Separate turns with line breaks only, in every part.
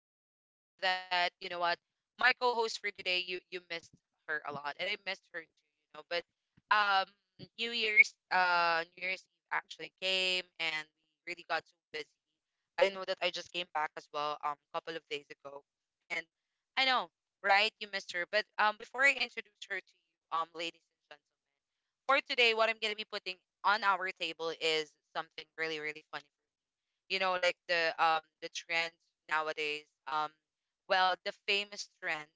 for today. And I know that you know what my co-host for today, you missed her a lot, and I missed her too. You know, but um, New Year's New Year's Eve actually came, and we really got so busy. I know that I just came back as well a couple of days ago, and I know, right, you missed her. But before I introduce her to you, ladies, you know, like the trend nowadays, well, the famous trend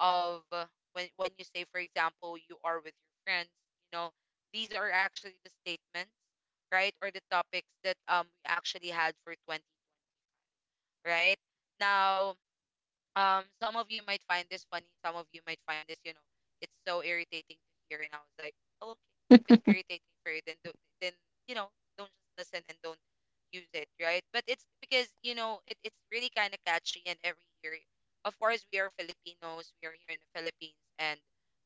of when you say, for example, you are with your friends, you know, these are actually the statements, right, or the topics that we actually had for 20, right, now. Um, some of you might find this funny, some of you might find this, you know, it's so irritating to hear. And I was like, oh, okay, if it's irritating for you, then you know, don't just listen and don't use it, right? But it's because, you know, it's really kind of catchy. And every year, of course, we are Filipinos, we are here in the Philippines, and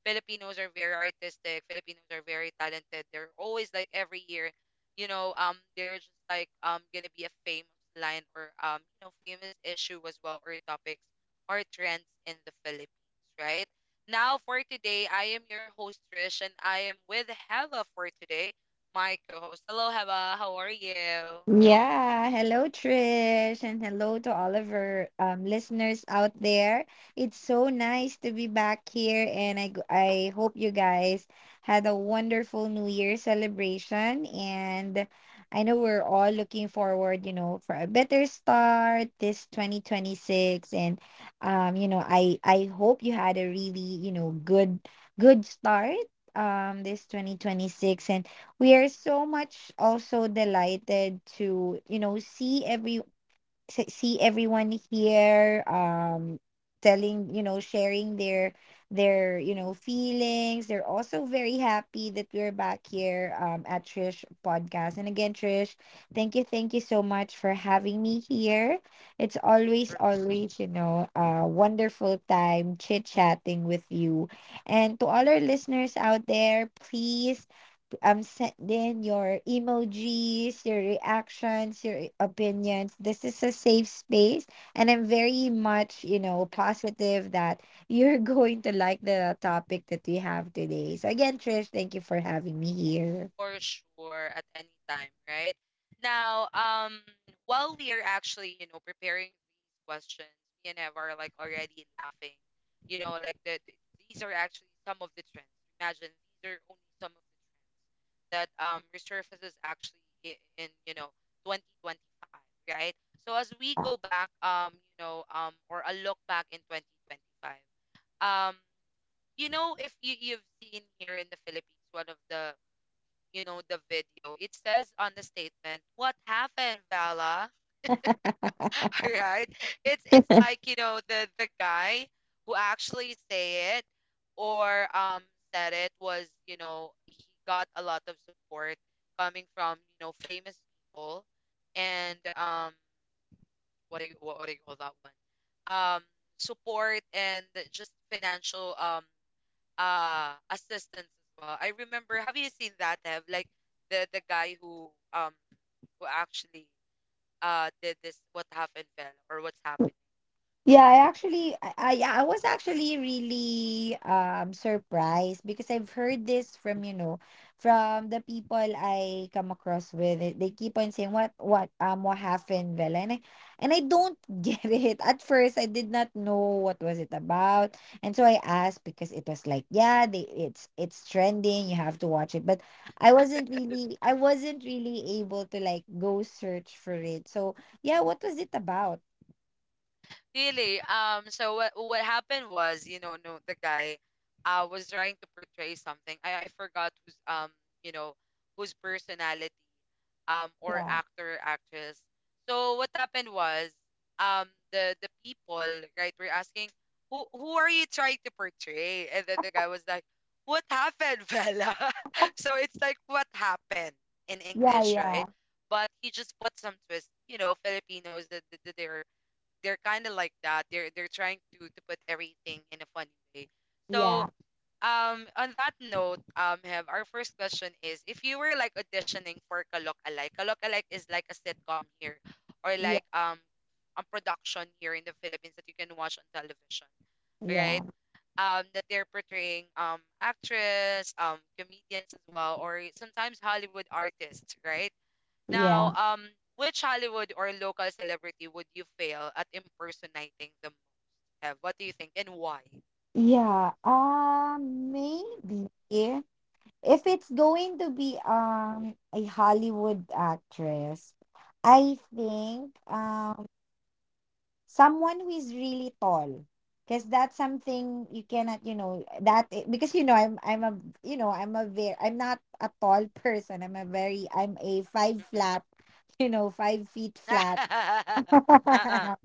Filipinos are very artistic, Filipinos are very talented. They're always like every year, you know, there's just like gonna be a famous line or you know, famous issue as well, or topics or trends in the Philippines, right? Now, for today, I am your host, Trish, and I am with Heva for today, my co host. Hello, Heva. How are you?
Yeah, hello Trish and hello to all of our listeners out there. It's so nice to be back here and I hope you guys had a wonderful New Year celebration and I know we're all looking forward, you know, for a better start this
True,
2026. And you know, I hope you had a really, you know, good start this 2026. And we are so much also delighted to, you know, see every see everyone here, telling, you know, sharing their you know feelings. They're also very happy that we're back here at Trish podcast. And again, Trish, thank you so much for having me here. It's
of
always
course.
always you know a wonderful time chit chatting with you. And to all our listeners out there, please send in your emojis, your reactions, your opinions. This is a safe space, and I'm very much, you know, positive that you're going to like the topic that we have today. So again, Trish, thank you for having me here.
For sure, at any time, right? Now, while we are actually, you know, preparing these questions, me and Ev are like already laughing. You know, like these are actually some of the trends. Imagine, these are only some of the trends that resurfaces actually in, you know, 2025, right? So as we go back, you know, or a look back in 2025, um, you know, if you've seen here in the Philippines, one of the, you know, the video. It says on the statement, "What happened, Vala?" All right? It's like, you know, the guy who actually say it, or said it, was, you know, he got a lot of support coming from, you know, famous people. And um, what do you call that one, um, support and just financial assistants as well. I remember, have you seen that, have, like the guy who actually did this "What happened, Fell," or "What's happening."
Yeah, I actually, I yeah, I was actually really surprised because I've heard this from,
Mhm.
you know, from the people I come across with. They keep on saying what happened, Vela, and I don't get it. At first, I did not know what was it about, and so I asked because it was like, yeah, they it's trending. You have to watch it, but I wasn't really able to like go search for it. So yeah, what was it about?
Really. Um, so what happened was, you know, no, the guy was trying to portray something. I forgot who's, you know, whose personality, or
Yeah,
actor, actress. So what happened was, the people, right, were asking, who are you trying to portray? And then the guy was like, "What happened, Bella?" So it's like "What happened" in
yeah,
English, right?
yeah,
But he just put some twist. You know, Filipinos that they're kind of like that. They're trying to put everything in a funny way. So
yeah,
on that note, have our first question is, if you were like auditioning for Kalok Alike, Kalok Alike is like a sitcom here, or
yeah,
like a production here in the Philippines that you can watch on television, right?
yeah,
That they're portraying, um, actress, um, comedians as well, or sometimes Hollywood artists, right?
yeah,
Now, which Hollywood or local celebrity would you fail at impersonating the most, Have What do you think, and why?
yeah. Maybe if it's going to be a Hollywood actress, I think someone who is really tall, because that's something you cannot, you know, because you know I'm a you know I'm not a tall person. I'm a five
Mm-mm.
flat, you know, 5 feet flat.
Uh-uh.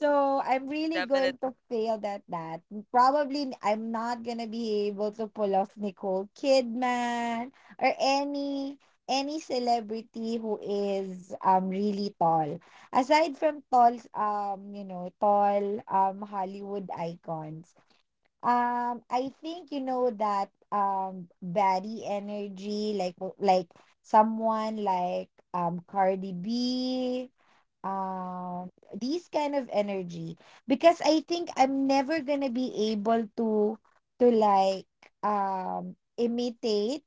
So I'm really going
Definitely.
to fail at that. Probably I'm not gonna be able to pull off Nicole Kidman or any celebrity who is really tall. Aside from tall you know, tall Hollywood icons. I think you know that body energy like someone like Cardi B, these kind of energy because I think I'm never gonna be able to to like imitate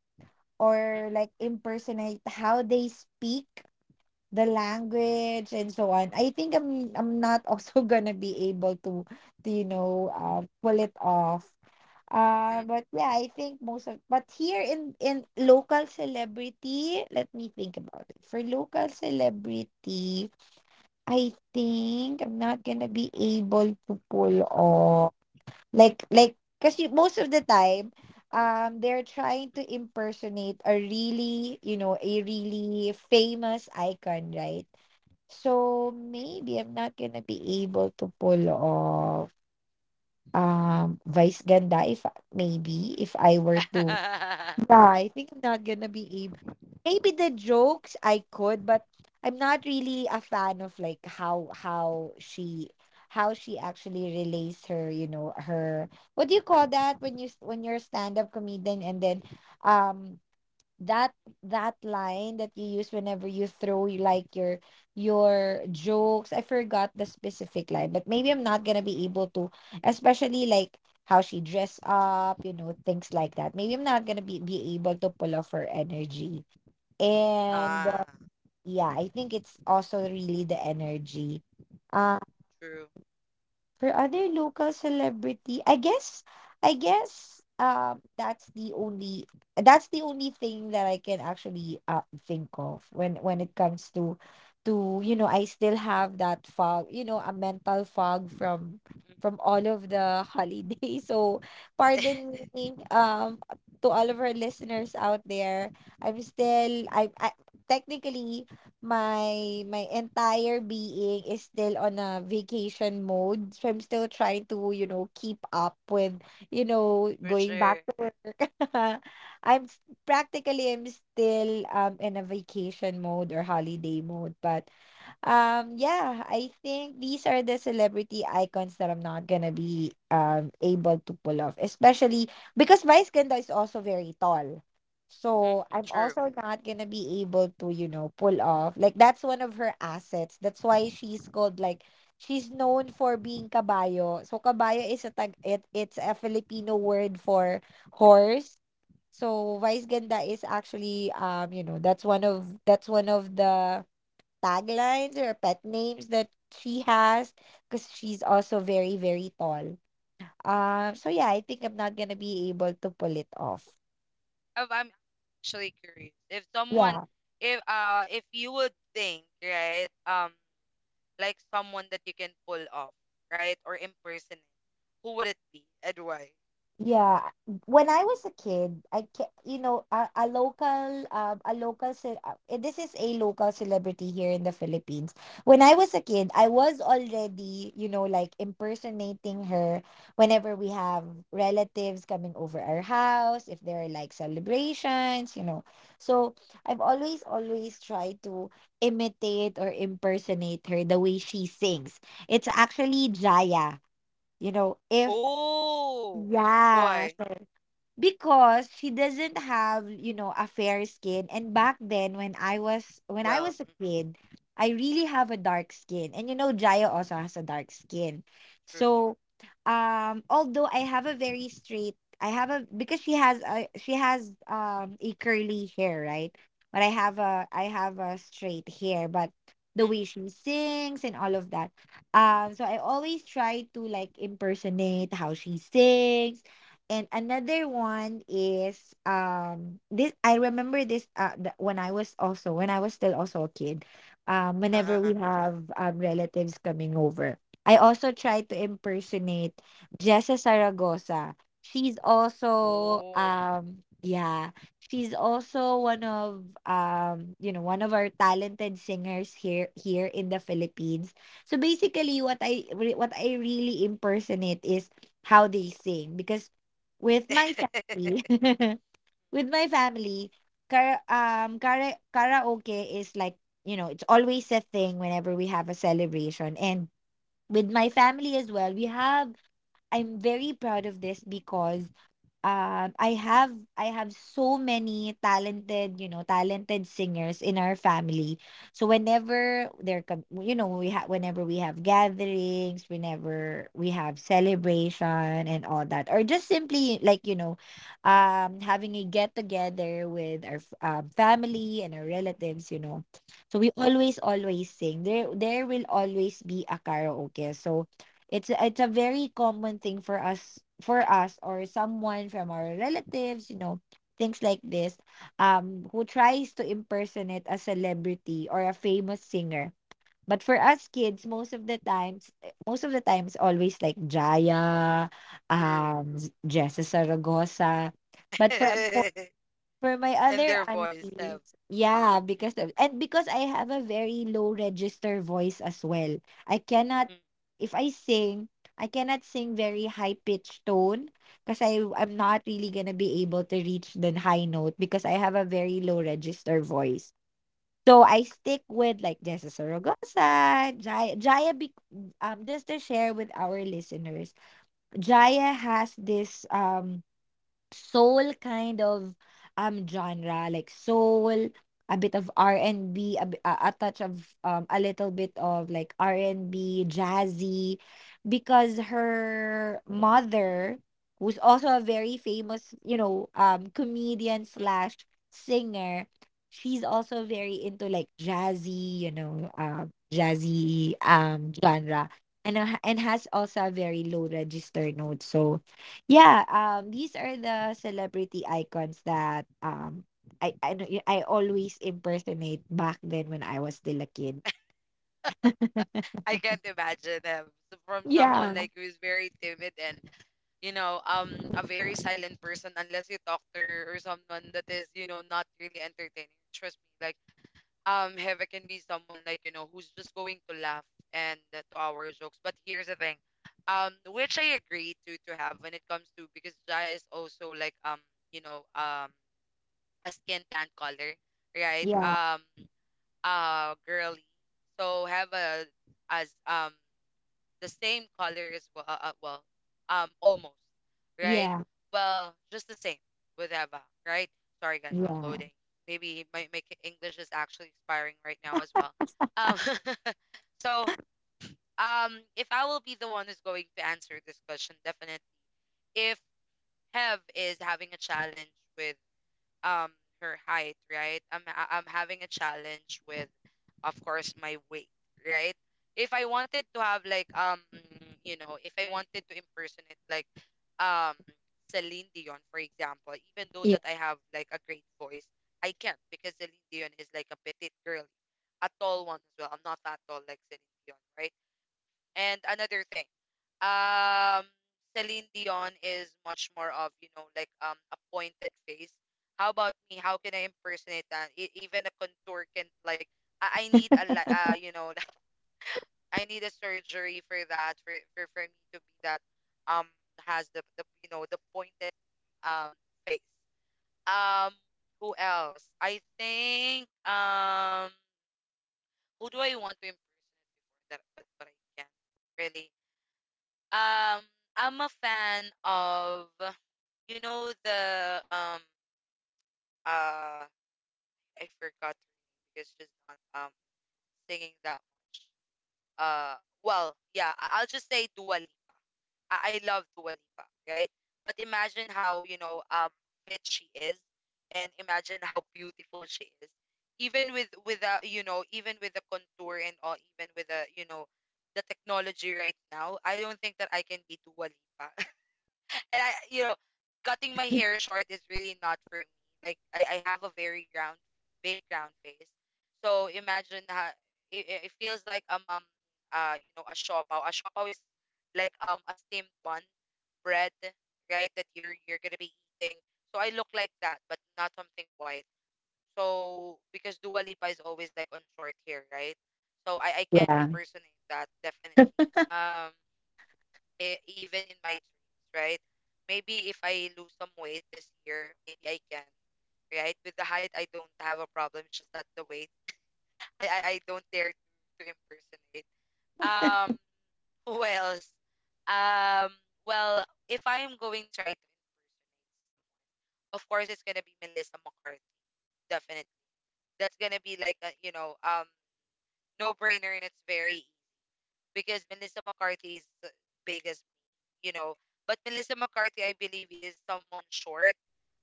Mm,
or like impersonate how they speak the language and so on. I think I'm not also gonna be able to you know pull it off.
mm,
But yeah, I think most of but here in local celebrity, let me think about it. For local celebrity, I think I'm not gonna be able to pull off like kasi most of the time they're trying to
mm, mm,
impersonate a really, you know, a really famous icon, right? So
mm.
maybe I'm not gonna be able to pull off Vice Ganda if maybe if I were to. Yeah, I think I'm not gonna be able. Maybe the jokes I could, but I'm not really a fan of like how she actually relays her, you know, her, what do you call that, when you when you're a stand-up comedian and then um that that line that you use whenever you throw like your jokes. I forgot the specific line, but maybe I'm not gonna be able to, especially like how she dress up, you know, things like that. Maybe I'm not gonna be able to pull off her energy. And
Ah,
Yeah, I think it's also really the energy. Uh,
true.
for
Mm,
other local celebrity, I guess, that's the only thing that I can actually think of when it comes to, you know, I still have that fog, you know, a mental fog from
mm, mm.
all of the holidays. So pardon me, to all of our listeners out there. I'm still I Technically, my entire being is still on a vacation mode. So I'm still trying to, you know, keep up with, you know,
For
going back
sure.
to work. I'm s- Practically I'm still in a vacation mode or holiday mode, but yeah, I think these are the celebrity icons that I'm not gonna be able to pull off, especially because Vice Ganda is also very tall.
Mm, mm.
So I'm
True.
also not gonna be able to, you know, pull off. Like that's one of her assets. That's why she's called like she's known for being kabayo. So kabayo is a tag, it it's a Filipino word for horse. So Vice Ganda is actually you know, that's one of the taglines or pet names that she has because she's also very, very tall. So yeah, I think I'm not gonna be able to pull it off.
I'm actually curious. If someone,
Yeah.
if you would think, right, like someone that you can pull off, right, or impersonate, who would it be and why?
Yeah, when I was a kid, I ca you know, a local, this is a local celebrity here in the Philippines. When I was a kid, I was already, you know, like impersonating her whenever we have relatives coming over our house, if there are like celebrations, you know. So I've always, always tried to imitate or impersonate her, the way she sings. It's actually Jaya, you know, if,
Oh,
yeah.
why?
So because she doesn't have, you know, a fair skin, and back then when I
Well,
was a
mm,
kid, I really have a dark skin, and you know Jaya also has a dark skin.
true.
So although I have a, because she has a curly hair, right? But
Mm,
I have a straight hair. But the
mm, mm. Mm.
way she sings and all of that, so I always try to like impersonate how she sings. And another one is, this I remember this, when I was also when I was still also a kid,
Uh, uh,
whenever we
uh.
have relatives coming over, I also try to impersonate Jessa Saragosa. She's also
Oh.
yeah, she's also one of you know one of our talented singers here in the Philippines. So basically what I really impersonate is how they sing, because with my family with my family karaoke is like, you know, it's always a thing whenever we have a celebration. And with my family as well, we have, I'm very proud of this, because I have, I have so many talented, you know, talented singers in our family. So whenever there come, you know, we have, whenever we have gatherings, whenever we have celebration and all that, or just simply like you know, having a get together with our family and our relatives, you know. So we always always sing. There will always be a karaoke. So it's a, it's a very common thing for us or someone from our relatives, you know, things like this, who tries to impersonate a celebrity or a famous singer. But for us kids, most of the times, eh, most of the times, always like Jaya,
True.
um, Jessa Saragosa. But for my
And
other
their voice, Em.
aunties, yeah, because of, and because I have a very low register voice as well. I cannot, if I sing, I cannot sing very high pitched tone, because I'm not really gonna be able to reach the high note because I have a very low register voice. So I stick with like Jessa Sorogosa, Jaya, Jaya be, just to share with our listeners, Jaya has this soul kind of genre, like soul, a bit of r&b, a touch of a little bit of like r&b jazzy, because her mother, who's also a very famous you know comedian slash singer, she's also very into like jazzy, you know, jazzy genre, and has also a very low register note. So yeah, these are the celebrity icons that I know I always impersonate back then when I was still a kid.
I can't imagine them, from someone
Yeah,
like who is very timid and, you know, um, a very silent person, unless you talk to her, or someone that is, you know, not really entertaining. Trust me, like, um, Heva can be someone like, you know, who's just going to laugh and, to our jokes. But here's the thing, um, which I agree to have when it comes to, because Jaya is also like, um, you know, um, a skin tan color, right?
yeah,
Um, uh, girly. So have a as um, the same color as well, well, um, almost, right?
yeah,
Well, just the same with Eva, right? Sorry, guys, I'm
yeah,
loading. Maybe my, my K- English is actually expiring right now as well, um. So um, if I will be the one who's going to answer this question, definitely, if Hev is having a challenge with um her height, right? I'm having a challenge with, of course, my weight, right? If I wanted to have like, um, you know, if I wanted to impersonate, like, um, Celine Dion, for example, even though
yeah,
that I have like a great voice, I can't, because Celine Dion is like a petite girl, a tall one as well. I'm not that tall like Celine Dion, right? And another thing, um, Celine Dion is much more of, you know, like, um, a pointed face. How about me? How can I impersonate that? E- even a contour can, like, I need a li- you know, I need a surgery for that, for, for me to be that, um, has the, you know, the pointed um face. Um, who else? I think, um, who do I want to impersonate before that? But I can't really. Um, I'm a fan of, you know, the uh I forgot her name because she's not singing that much. Uh, well, yeah, I'll just say Dua Lipa. I love Dua Lipa, right? But imagine how, you know, um, fit she is, and imagine how beautiful she is. Even with, a, you know, even with the contour and all, even with the, you know, the technology right now, I don't think that I can be Dua Lipa. And I, you know, cutting my hair short is really not for me. Like I have a very round, big round face. So imagine how it feels like, you know, a siopaw. A siopaw is like, um, a steamed bun bread, right? That you're gonna be eating. So I look like that, but not something white. So because Dua Lipa is always like on short hair, right? So I can't
yeah,
impersonate that, definitely. Um, e- even in my dreams, right? Maybe if I lose some weight this year, maybe I can, right? With the height, I don't have a problem. It's just not the weight, I don't dare to impersonate. Um, who else? Um, well, if I am going to try to impersonate someone, of course it's gonna be Melissa McCarthy. Definitely, that's gonna be like a, you know, um, no brainer, and it's very easy because Melissa McCarthy is big as, you know. But Melissa McCarthy, I believe, is someone short,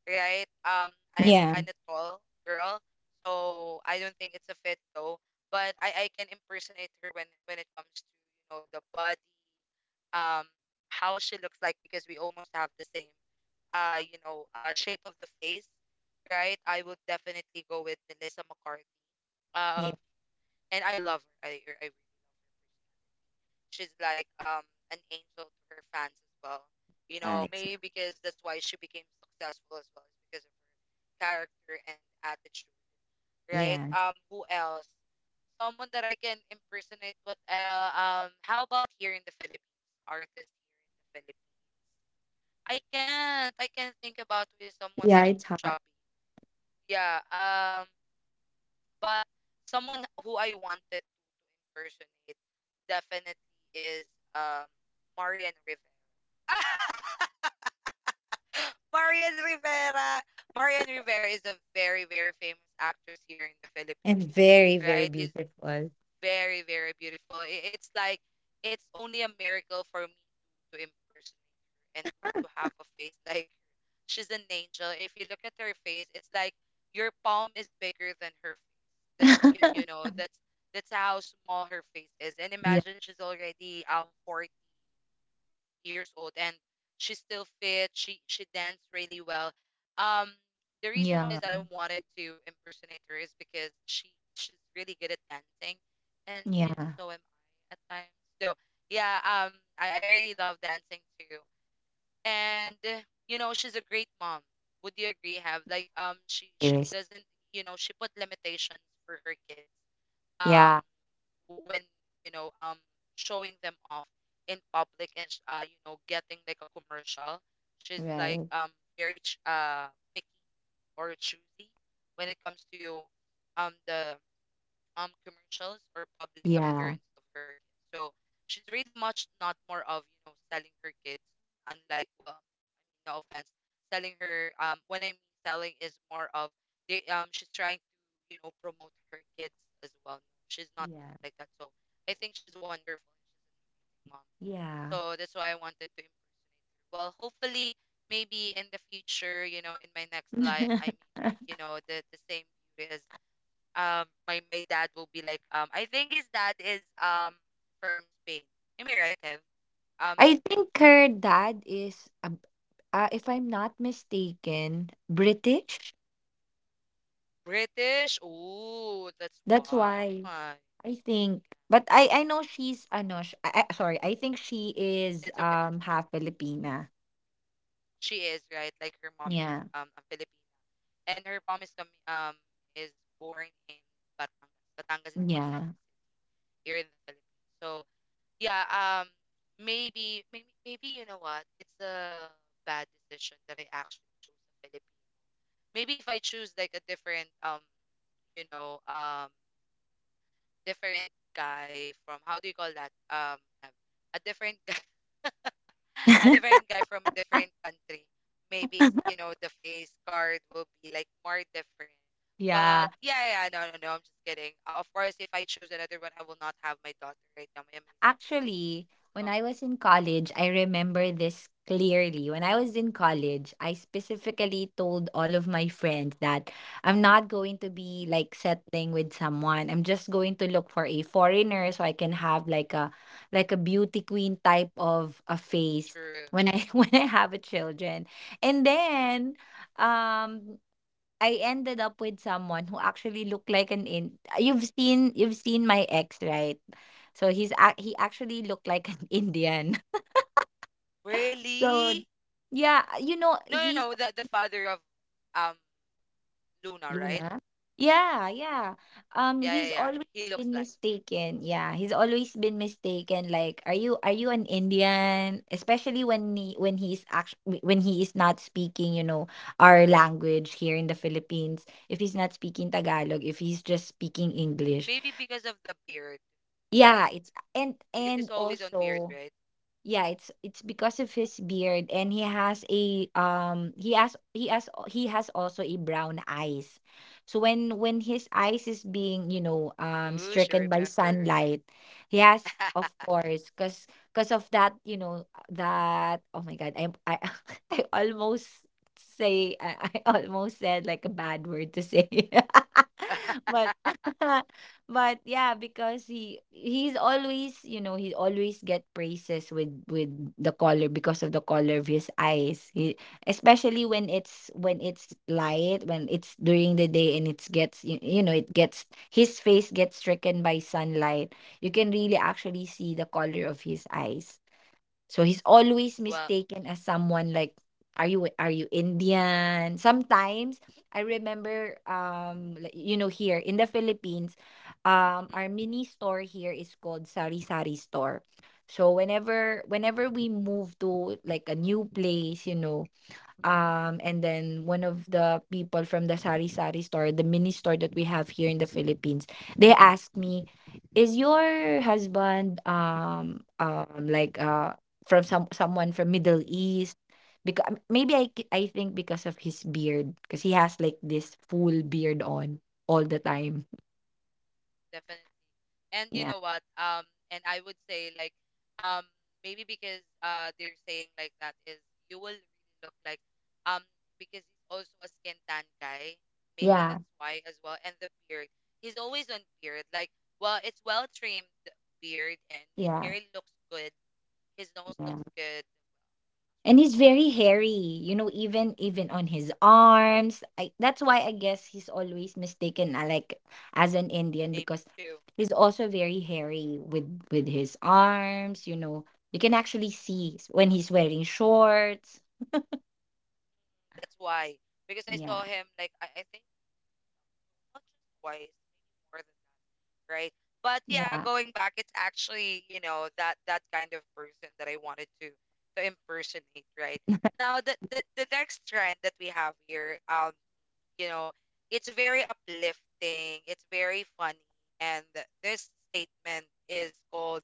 right? I am
yeah,
kind of tall girl, so I don't think it's a fit though. But I can impersonate her when it comes to, you know, the body, um, how she looks like, because we almost have the same you know, shape of the face, right? I would definitely go with Melissa McCarthy. Um,
yeah.
and I love her. I really love her. She's like, um, an angel to her fans as well. You
Ah,
know,
It's,
maybe because that's why she became successful as well, is because of her character and attitude, right?
yeah,
Who else? Someone that I can impersonate with, um, how about here in the Philippines? Artist here in the Philippines. I can't. I can't think about with someone like
yeah, it's
who's
hard.
chubby. Yeah. Um, but someone who I wanted to impersonate definitely is, um, Marian Rivera. Marian Rivera. Marian Rivera is a very, very famous actress here in the Philippines,
And very, very
right? He's
beautiful.
very, very beautiful. It's like, it's only a miracle for me to impersonate her and to have a face like her. She's an angel. If you look at her face, it's like your palm is bigger than her face. That you know, that's how small her face is. And
Yeah,
imagine, she's already 40 years old, and she's still fit. She danced really well. Um, the reason why
yeah,
is that I wanted to impersonate her is because she's really good at dancing, and you
yeah.
know so am I at times. So yeah, I really love dancing too, and you know she's a great mom. Would you agree? Have like she
Yes.
doesn't you know she put limitations for her kids. Um,
Yeah,
when you know showing them off in public and you know getting like a commercial she's like
right.
very picky or choosy when it comes to the commercials or public
Yeah,
appearance of her kids. So she's really much not more of, you know, selling her kids unlike well, I mean no offense, selling her when I mean selling is more of they she's trying to, you know, promote her kids as well. She's not a mom
yeah,
like that. So I think she's wonderful and she's a mom. So
yeah.
that's why I wanted to impersonate her. Well, hopefully maybe in the future, you know, in my next life I may be, you know, the same beauty as my my dad will be like I think his dad is from Spain. Am I right, Hev? Um
I think her dad is, a b- If I'm not mistaken, British.
British. Oh, that's
That's
why.
why
Yeah.
I think. But I know she's ano. Sorry, I think she
It's
is
okay.
half Filipina.
She is, right? Like her mom is
Yeah,
a Filipina. And her mom is coming is born in Batangas. Batangas is one of our
yeah,
cities here in the Philippines. So yeah, maybe maybe you know what? It's a bad decision that I actually chose the Philippines. Maybe if I choose like a different you know different guy from how do you call that um, a different guy, a different guy from a different country maybe it's you know the face card will be like more different but
yeah.
yeah, yeah, no, I'm just kidding. Of course if I choose another one I will not have my daughter right now, my amazing
Actually,
daughter. So
when I was in college, I remember this clearly. When I was in college, I specifically told all of my friends that I'm not going to be like settling with someone. I'm just going to look for a foreigner so I can have like a beauty queen type of a face
true.
when I when I have a children. And then um I ended up with someone who actually looked like an in you've seen my ex, right? So he actually looked like an Indian. So
Really?
yeah, you know,
no no
he's
no the the father of um Luna, right?
Luna. Yeah, yeah.
Yeah, yeah,
He's
yeah,
always
he looks
been
like
mistaken. Yeah, he's always been mistaken like are you an Indian? Especially when he, when he's actually when he is not speaking, you know, our language here in the Philippines. If he's not speaking Tagalog, if he's just speaking English.
maybe because of the beard. Have,
Yeah, it's and
because
and
he's always on beard,
also
right?
yeah, it's because of his beard and he has a he has also a brown eyes. So when his eyes is being, you know,
Ooh, she
stricken by
remembers.
sunlight, he has of course cuz of that, you know, that oh my god, I I almost say I almost said like a bad word to say. but But yeah, because he's always, you know, he always get praises with the color because of the color of his eyes. He, especially when it's during the day and it gets you, you know, it gets his face gets stricken by sunlight. You can really actually see the color of his eyes. So he's always
Well,
mistaken as someone like are you Indian? Sometimes I remember like, you know, here in the Philippines our
mm,
mini store here is called Sari Sari store. So whenever we move to like a new place, you know, And then one of the people from the Sari Sari store, the mini store that we have here in the Philippines, they asked
mm,
me, "Is your husband like from someone from Middle East?" Because maybe I think because of his beard, because he has like this full beard on all the time.
definitely. And you
Yeah,
know what? And I would say like, um, maybe because they're saying like that is you will really look like, um, because he's also a skin tan guy. Maybe
yeah,
that's why as well. And the beard, he's always on beard. Like, well, it's well trimmed beard, and
yeah,
hair looks good. His nose
yeah.
looks good.
And he's very hairy, you know, even on his arms. I, that's why I guess he's always mistaken like as an
Well,
Indian
not trying to.
because
Maybe too.
he's also very hairy with his arms, you know. You can actually when he's wearing shorts.
That's why because I
Yeah.
saw him like I think, not just twice, maybe more than that, right? But yeah,
Yeah.
going back, it's actually, you know, that that kind of person that I wanted to impersonate, right? Now the the next trend that we have here, you know, it's very uplifting, it's very funny, and this statement is called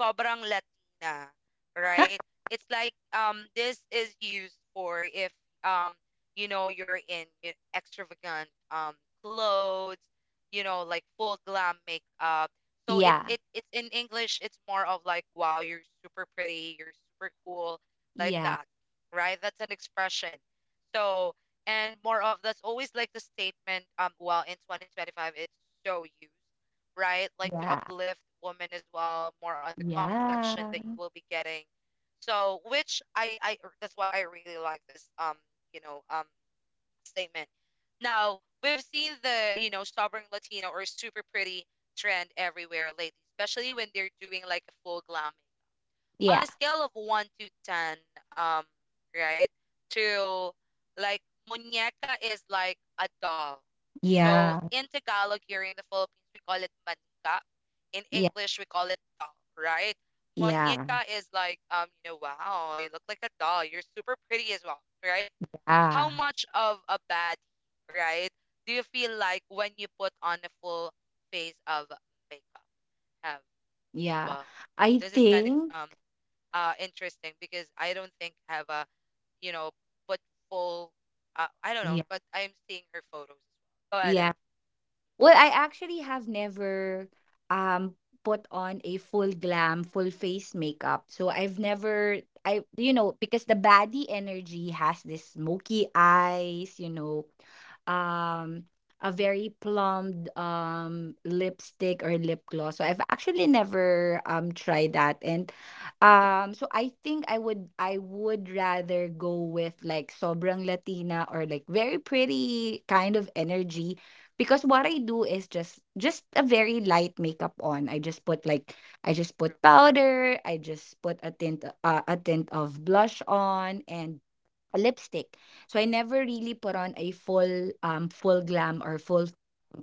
sobrang latina, right? It's like this is used for if um you know you're in extravagant clothes, you know, like full glam makeup. So it,
Yeah.
it it's in english it's more of like wow you're super pretty, you're super cool, like
Yeah.
that, right? That's an expression. So and more of that's always like the statement well in 2025 it's so used, right? Like to uplift women as well, more on the comment section
Yeah.
that you will be getting. So which I that's why I really like this you know statement. Now we've seen the you know stubborn latino or super pretty trend everywhere lately, especially when they're doing like a full glam
Yeah.
on
Yeah.
a scale of 1 to 10, um, right? To like muñeca is like a doll. So
Yeah.
in Tagalog here in the Philippines, we call it manika. In
Yeah.
English, we call it doll, right?
Yeah.
Muñeca is like, you know, wow, you look like a doll. You're super pretty as well, right?
Yeah.
How much of a baddie, right? Do you feel like when you put on a full face of makeup, have?
Yeah.
Well,
I
this is kind of
think
interesting because I don't think have a you know but full I don't know
yeah.
but I'm seeing her photos as well. Go ahead,
Yeah.
Ev.
Well, I actually have never um put on a full glam, full face makeup. So I've never I you know, because the baddie energy has this smoky eyes, you know, um a very plumped lipstick or lip gloss. So I've actually never tried that. And so I think I would rather go with like sobrang Latina or like very pretty kind of energy. Because what I do is just a very light makeup on. I just put like I just put
True,
powder, I just put a tint of blush on and a lipstick. So I never really put on a full full glam or full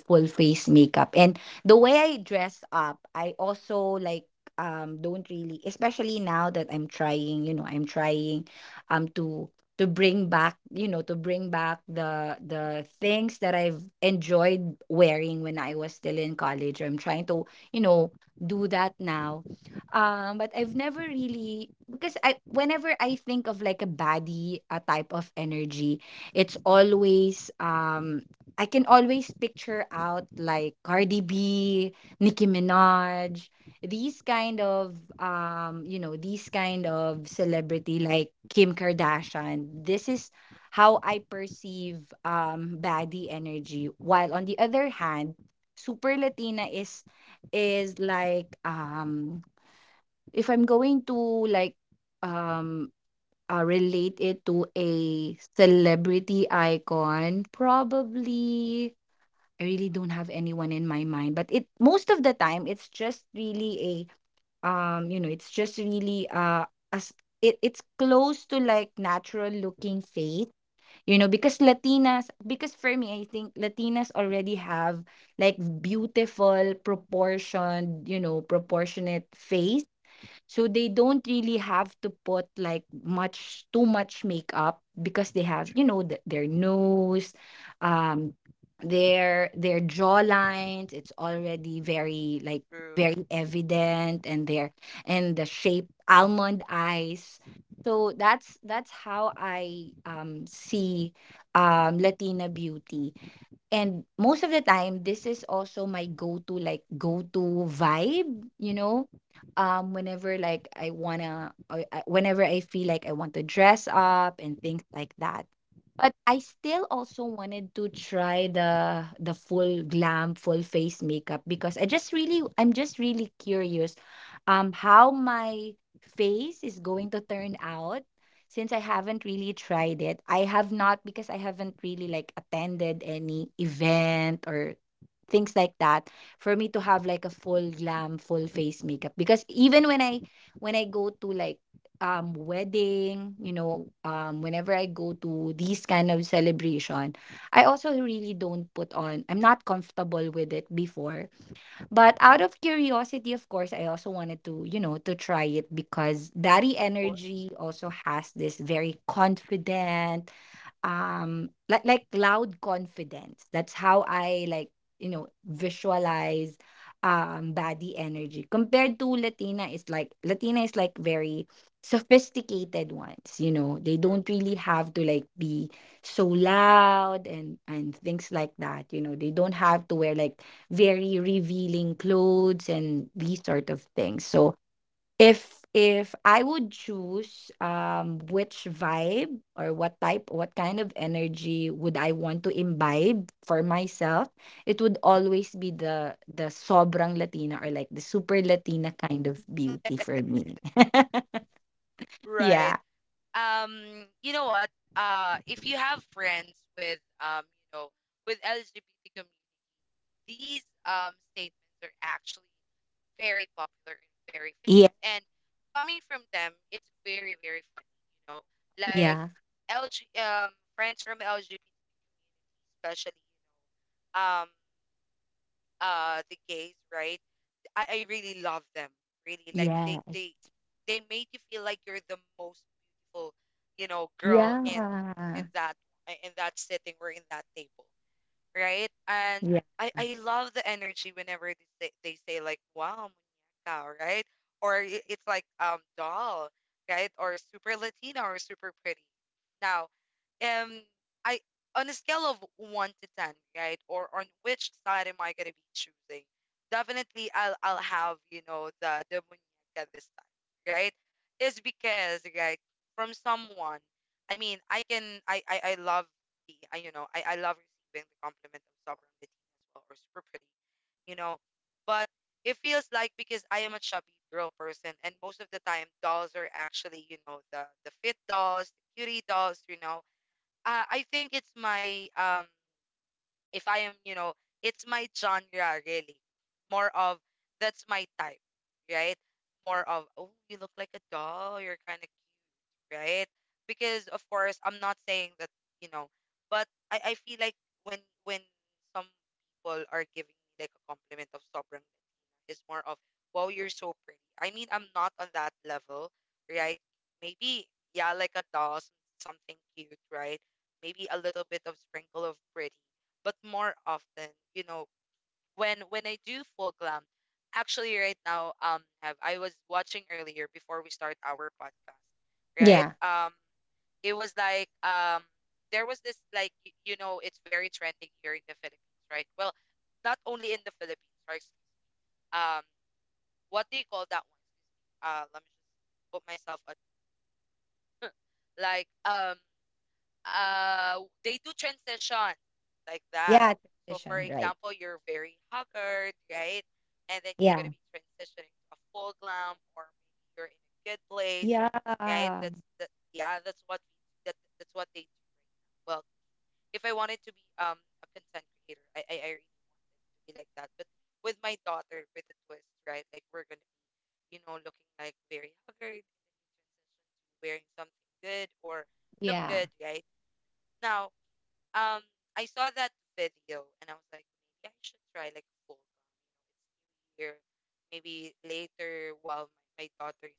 full face makeup. And the way I dress up, I also like don't really, especially now that I'm trying, you know, I'm trying um to to bring back, you know, to bring back the things that I've enjoyed wearing when I was still in college. I'm trying to, you know, do that now. But I've never really because I whenever I think of like a baddie, a type of energy, it's always I can always picture out like Cardi B, Nicki Minaj, these kind of you know, these kind of celebrity like Kim Kardashian. This is how I perceive baddie energy. While on the other hand, super Latina is like if I'm going to like um relate it to a celebrity icon, probably I really don't have anyone in my mind. But it most of the time it's just really a you know, it's just really as it, it's close to like natural looking faith, you know, because Latinas, because for me I think Latinas already have like beautiful proportioned, you know, proportionate face, so they don't really have to put like much too much makeup because they have
true,
you know their nose, um their jaw lines, it's already very like
true.
very evident, and their and the shape almond eyes. So that's how I see Latina beauty. And most of the time this is also my go-to like go-to vibe, you know, whenever like I wanna whenever I feel like I want to dress up and things like that, but I still also wanted to try the full glam full face makeup because I just really I'm just really curious how my face is going to turn out, since I haven't really tried it, I have not, because I haven't really like attended any event or things like that for me to have like a full glam, full face makeup. Because even when I go to like wedding, you know, whenever I go to these kind of celebration, I also really don't put on. I'm not comfortable with it before. But out of curiosity, of course, I also wanted to, you know, to try it because Daddy
Of course,
Energy also has this very confident like loud confidence. That's how I like you know visualize body energy compared to Latina. Is like, Latina is like very sophisticated ones, you know, they
true.
don't really have to like be so loud and things like that, you know, they don't have to wear like very revealing clothes and these sort of things. So if I would choose, which vibe or what type, what kind of energy would I want to imbibe for myself, it would always be the sobrang Latina or like the super Latina kind of beauty for me. Yeah.
Right. You know what? If you have friends with you know, with LGBT community. These statements are actually very popular and very
Yeah.
famous. And coming from them, it's very, very funny, you know.
Yeah.
Like LG um friends from LGBT community, especially, you know, the gays, right? I really love them. Really. Like they
Yes.
they they made you feel like you're the most beautiful, you know, girl in
Yeah.
in that in that sitting or in that table, right? And
Yeah.
I love the energy whenever they say like wow, muñeca, right? Or it's like doll, right? Or super Latina or super pretty. Now, um, I on a scale of one to ten, right? Or on which side am I gonna be choosing? Definitely, I'll have you know the muñeca this time, right? Is because right from someone. I mean, I can I love be. You know, I love receiving the compliment of sobrang dating as well or super pretty, you know. But it feels like because I am a chubby girl person, and most of the time dolls are actually, you know, the fit dolls, the cutie dolls, you know. I think it's my if I am, you know, it's my genre really. More of that's my type, right? More of, oh, you look like a doll, you're kind of cute, right? Because of course, I'm not saying that, you know, but I feel like when when some people are giving me like a compliment of sobrang is more of, wow, you're so pretty. I mean, I'm not on that level, right? Maybe, yeah, like a doll, something cute, right? Maybe a little bit of sprinkle of pretty. But more often, you know, when I do full glam, actually right now, have, I was watching earlier before we start our podcast, right?
Yeah.
It was like there was this like you know it's very trending here in the Philippines, right? Well, not only in the Philippines, right? Um, what do you call that one? Let me just put myself on. Like, they do transition like that.
Yeah.
So, for
Transition, right.
example, you're very haggard, right? And then you're
Yeah.
gonna be transitioning to a full glam, or maybe you're in a good place, right?
Yeah.
That's that. Yeah, that's what we, that that's what they do right now. Well, if I wanted to be a content creator, I really need to be like that. But with my daughter, with a twist, right? Like we're gonna you know, looking like very haggard, and then you transition to wearing something good or look
Yeah.
good, right? Now, um, I saw that video and I was like, maybe I should try like a full gown. It's New Year, maybe later while my daughter is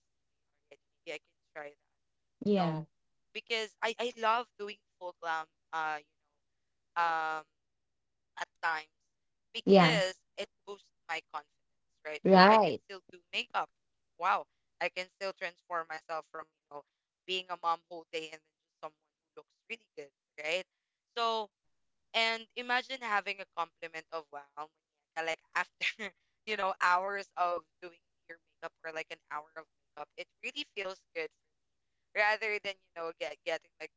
sleeping already, maybe I can try that, you know,
Yeah.
because I love doing full glam, you know, at times
Yeah.
because it boosts my confidence, right? Oh, I can
Right.
still do makeup. Wow. I can still transform myself from, you know, being a mom whole day and then just someone who looks really good, right? So,
Yeah.
and imagine having a compliment of wow, Monica, like after, you know, hours of doing your makeup or like an hour of makeup, it really feels good rather than you know getting like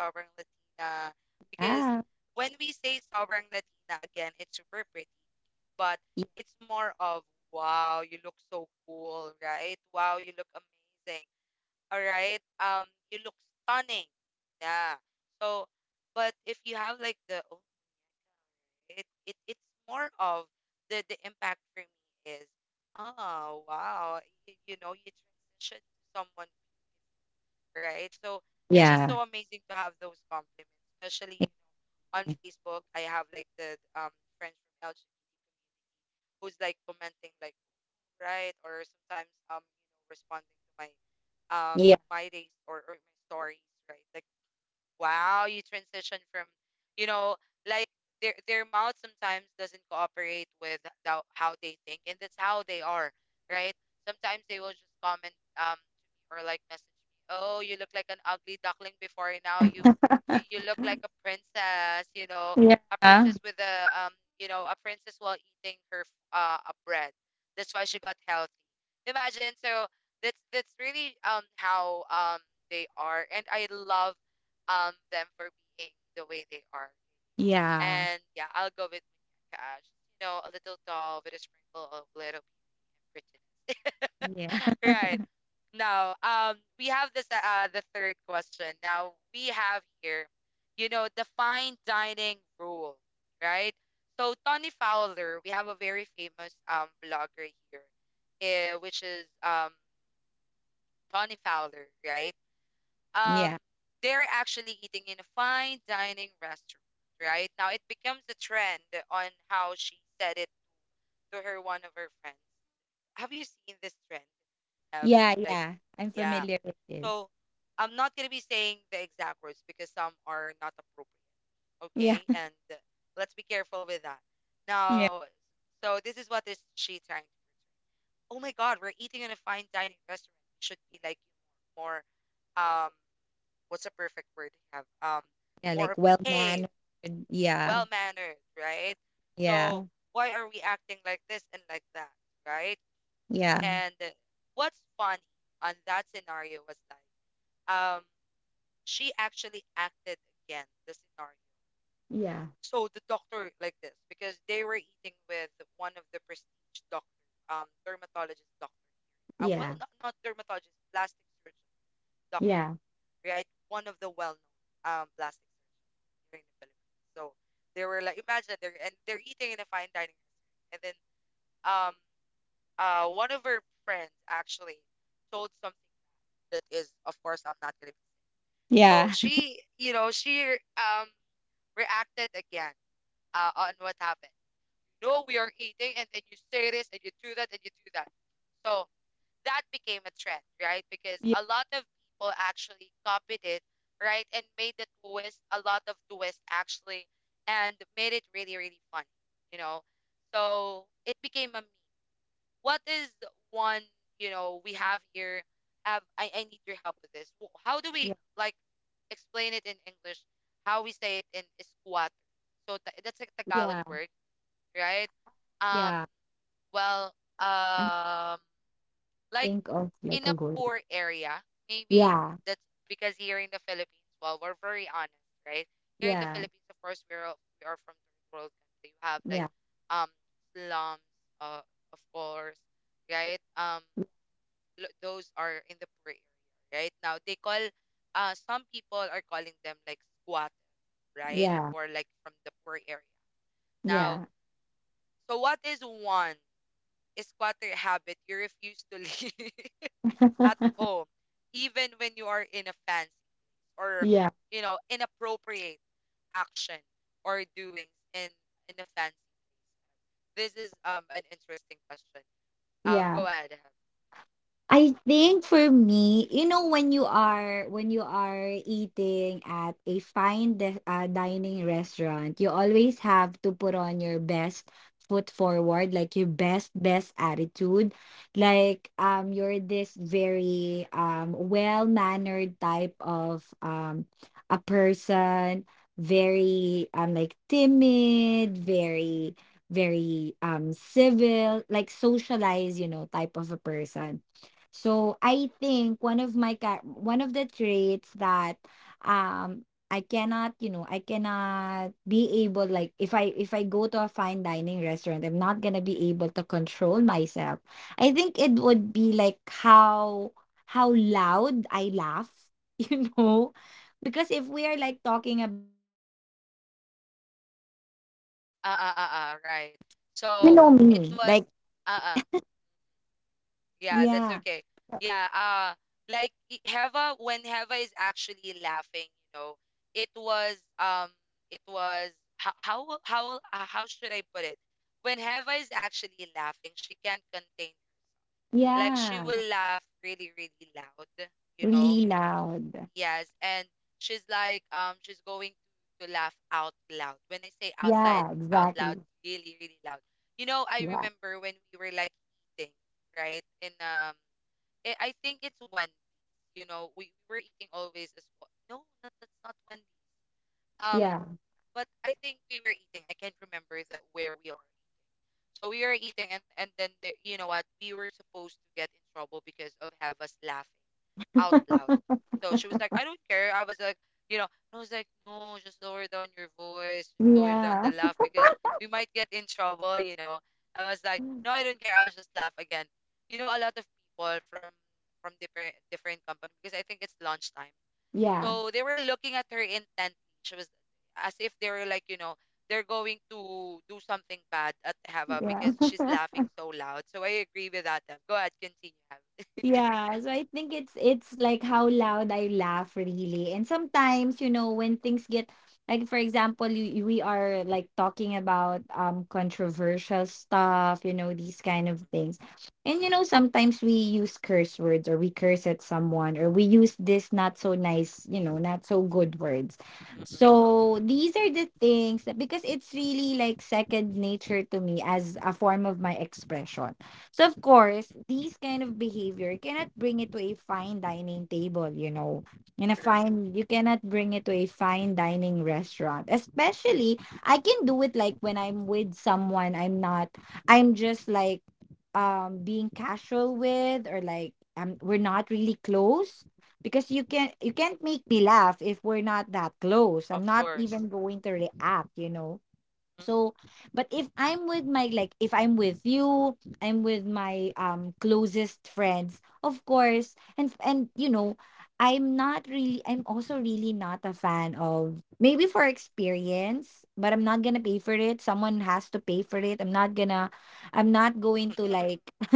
sobrang Latina because when we say sobrang Latina again it's super pretty but
Yeah.
it's more of wow you look so cool right wow you look amazing all right you look stunning yeah so but if you have like the oh it's more of the impact for me is oh wow you know you transition to someone right? So it's just
Yeah.
so amazing to have those compliments, especially you
Yeah.
know on Facebook. I have like the friends from LG who's like commenting like right or sometimes you know responding to my um my days or my stories, right? Like wow, you transition from, you know, like their mouth sometimes doesn't cooperate with the, how they think, and that's how they are, right? Sometimes they will just comment to me or like message me, "Oh, you look like an ugly duckling before, and now you you look like a princess, you know,
Yeah.
a princess with a you know, a princess while eating her a bread. That's why she got healthy. Imagine, so that's really how they are, and I love them for being the way they are.
Yeah. Yeah.
And yeah, I'll go with Muñeca Ash. You know, a little tall with a sprinkle of little prettiness. Right. Now, we have this the third question. Now we have here, the fine dining rule, right? So Tony Fowler, we have a very famous vlogger here, which is Tony Fowler, right? um,
Yeah.
they're actually eating in a fine dining restaurant, right? Now it becomes a trend on how she said it to her one of her friends. Have you seen this trend? Have
Yeah.
like,
Yeah. I'm
yeah.
familiar with this.
So I'm not gonna be saying the exact words because some are not appropriate,
Yeah.
okay? And let's be careful with that.
Yeah.
Now, so this is what is she trying to portray. Oh my God, we're eating in a fine dining restaurant. It should be like more, um what's a perfect word to have?
Yeah.
More
Like well
behaved,
mannered. Yeah.
well mannered, right? So
Yeah.
why are we acting like this and like that, right?
Yeah.
And what's funny on that scenario was like, um, she actually acted again the scenario.
Yeah.
So the doctor like this because they were eating with one of the prestige doctor, dermatologist doctor. Well, not dermatologist, plastic surgeon doctor.
Yeah.
Right? One of the well-known plastic surgeons here in the Philippines. So they were like, imagine they're eating in a fine dining restaurant, and then um one of her friends actually told something that is, of course, I'm not gonna be saying. So
Yeah. Yeah.
she um reacted again on what happened. You know, we are eating, and then you say this, and you do that, and you do that. So that became a trend, right? Because a lot of people actually copied it, right? And made the twist, a lot of twists actually, and made it really, really fun, you know? So it became a meme. What is the one, we have here? I need your help with this. How do we like explain it in English? How we say it in squat. So that's a
Yeah.
Tagalog
Yeah. Yeah.
word, right? Um,
Yeah.
well,
I
um, like
think of like
in a
a goal.
poor area, maybe
Yeah.
that's because here in the Philippines, well, we're very honest, right? Here in the
Yeah.
Philippines, of course, we are from third world country. You have like
Yeah.
um slums, uh, of course, right? Those are in the poor area, right? Now some people are calling them like squat, right?
Yeah.
Or like from the poor area. Now,
Yeah.
so what is one squatter habit you refuse to leave at home, even when you are in a fancy place, or,
Yeah.
you know, inappropriate action or doings in a fancy place. This is an interesting question.
Yeah.
Go ahead.
I think for me, you know, when you are eating at a fine dining restaurant, you always have to put on your best foot forward, like your best attitude, like you're this very well mannered type of a person, very like timid, very civil, like socialized, you know, type of a person. So I think one of one of the traits that um I cannot, you know, I cannot be able, like if I go to a fine dining restaurant, I'm not gonna be able to control myself. I think it would be like how loud I laugh, you know, because if we are like talking about
Right.
you
So
know
it
me.
was
Like,
uh, uh yeah,
yeah,
that's okay. Yeah, like Heva, when Heva is actually laughing, you know, it was um it was how should I put it? When Heva is actually laughing, she can't contain. Like she
yeah,
will laugh really really loud, you know.
really loud.
Yes, and she's going to laugh out loud. When I say
Yeah,
out loud,
exactly.
really really loud. You know, I
Yeah,
remember when we were like eating, right? In I think it's Wendy's. You know, we were eating always as well. No, that's not Wendy's. Um,
yeah,
but I think we were eating. I can't remember that where we are. So we were eating, and then you know what? We were supposed to get in trouble because of have us laughing out loud. So she was like, "I don't care." You know, I was like, "No, just lower down your voice, just lower down
yeah,
the laugh because we might get in trouble." You know, I was like, "No, I don't care. I'll just laugh again." You know, a lot of people from different company because I think it's lunchtime,
yeah,
so they were looking at her intently. She was as if they were like, you know, they're going to do something bad at Hava
yeah.
because she's laughing so loud. So I agree with that. Dev. Go ahead, continue, Hava.
Yeah, so I think it's like how loud I laugh really. And sometimes, you know, when things get like, for example, you, we are like talking about controversial stuff, you know, these
Mm-mm.
kind of things. And you know, sometimes we use curse words or we curse at someone or we use this not so nice, you know, not so good words.
Mm-mm.
So these are the things that, because it's really like second nature to me as a form of my expression. So of course,
Mm-mm.
these kind of behavior you cannot bring it to a fine dining table, you know. In a
True.
fine, you cannot bring it to a fine dining restaurant. Especially I can do it like when I'm with someone I'm not, I'm just like being casual with, or like we're not really close, because you can you can't make me laugh if we're not that close. I'm not
Of
even
course.
going to react, you know,
Mm-mm.
so. But if I'm with my, like if I'm with you, I'm with my closest friends, of course, and you know, I'm not really, I'm also really not a fan of, maybe for experience, but I'm not gonna pay for it, someone has to pay for it, I'm not gonna I'm not going to
Expensive.
like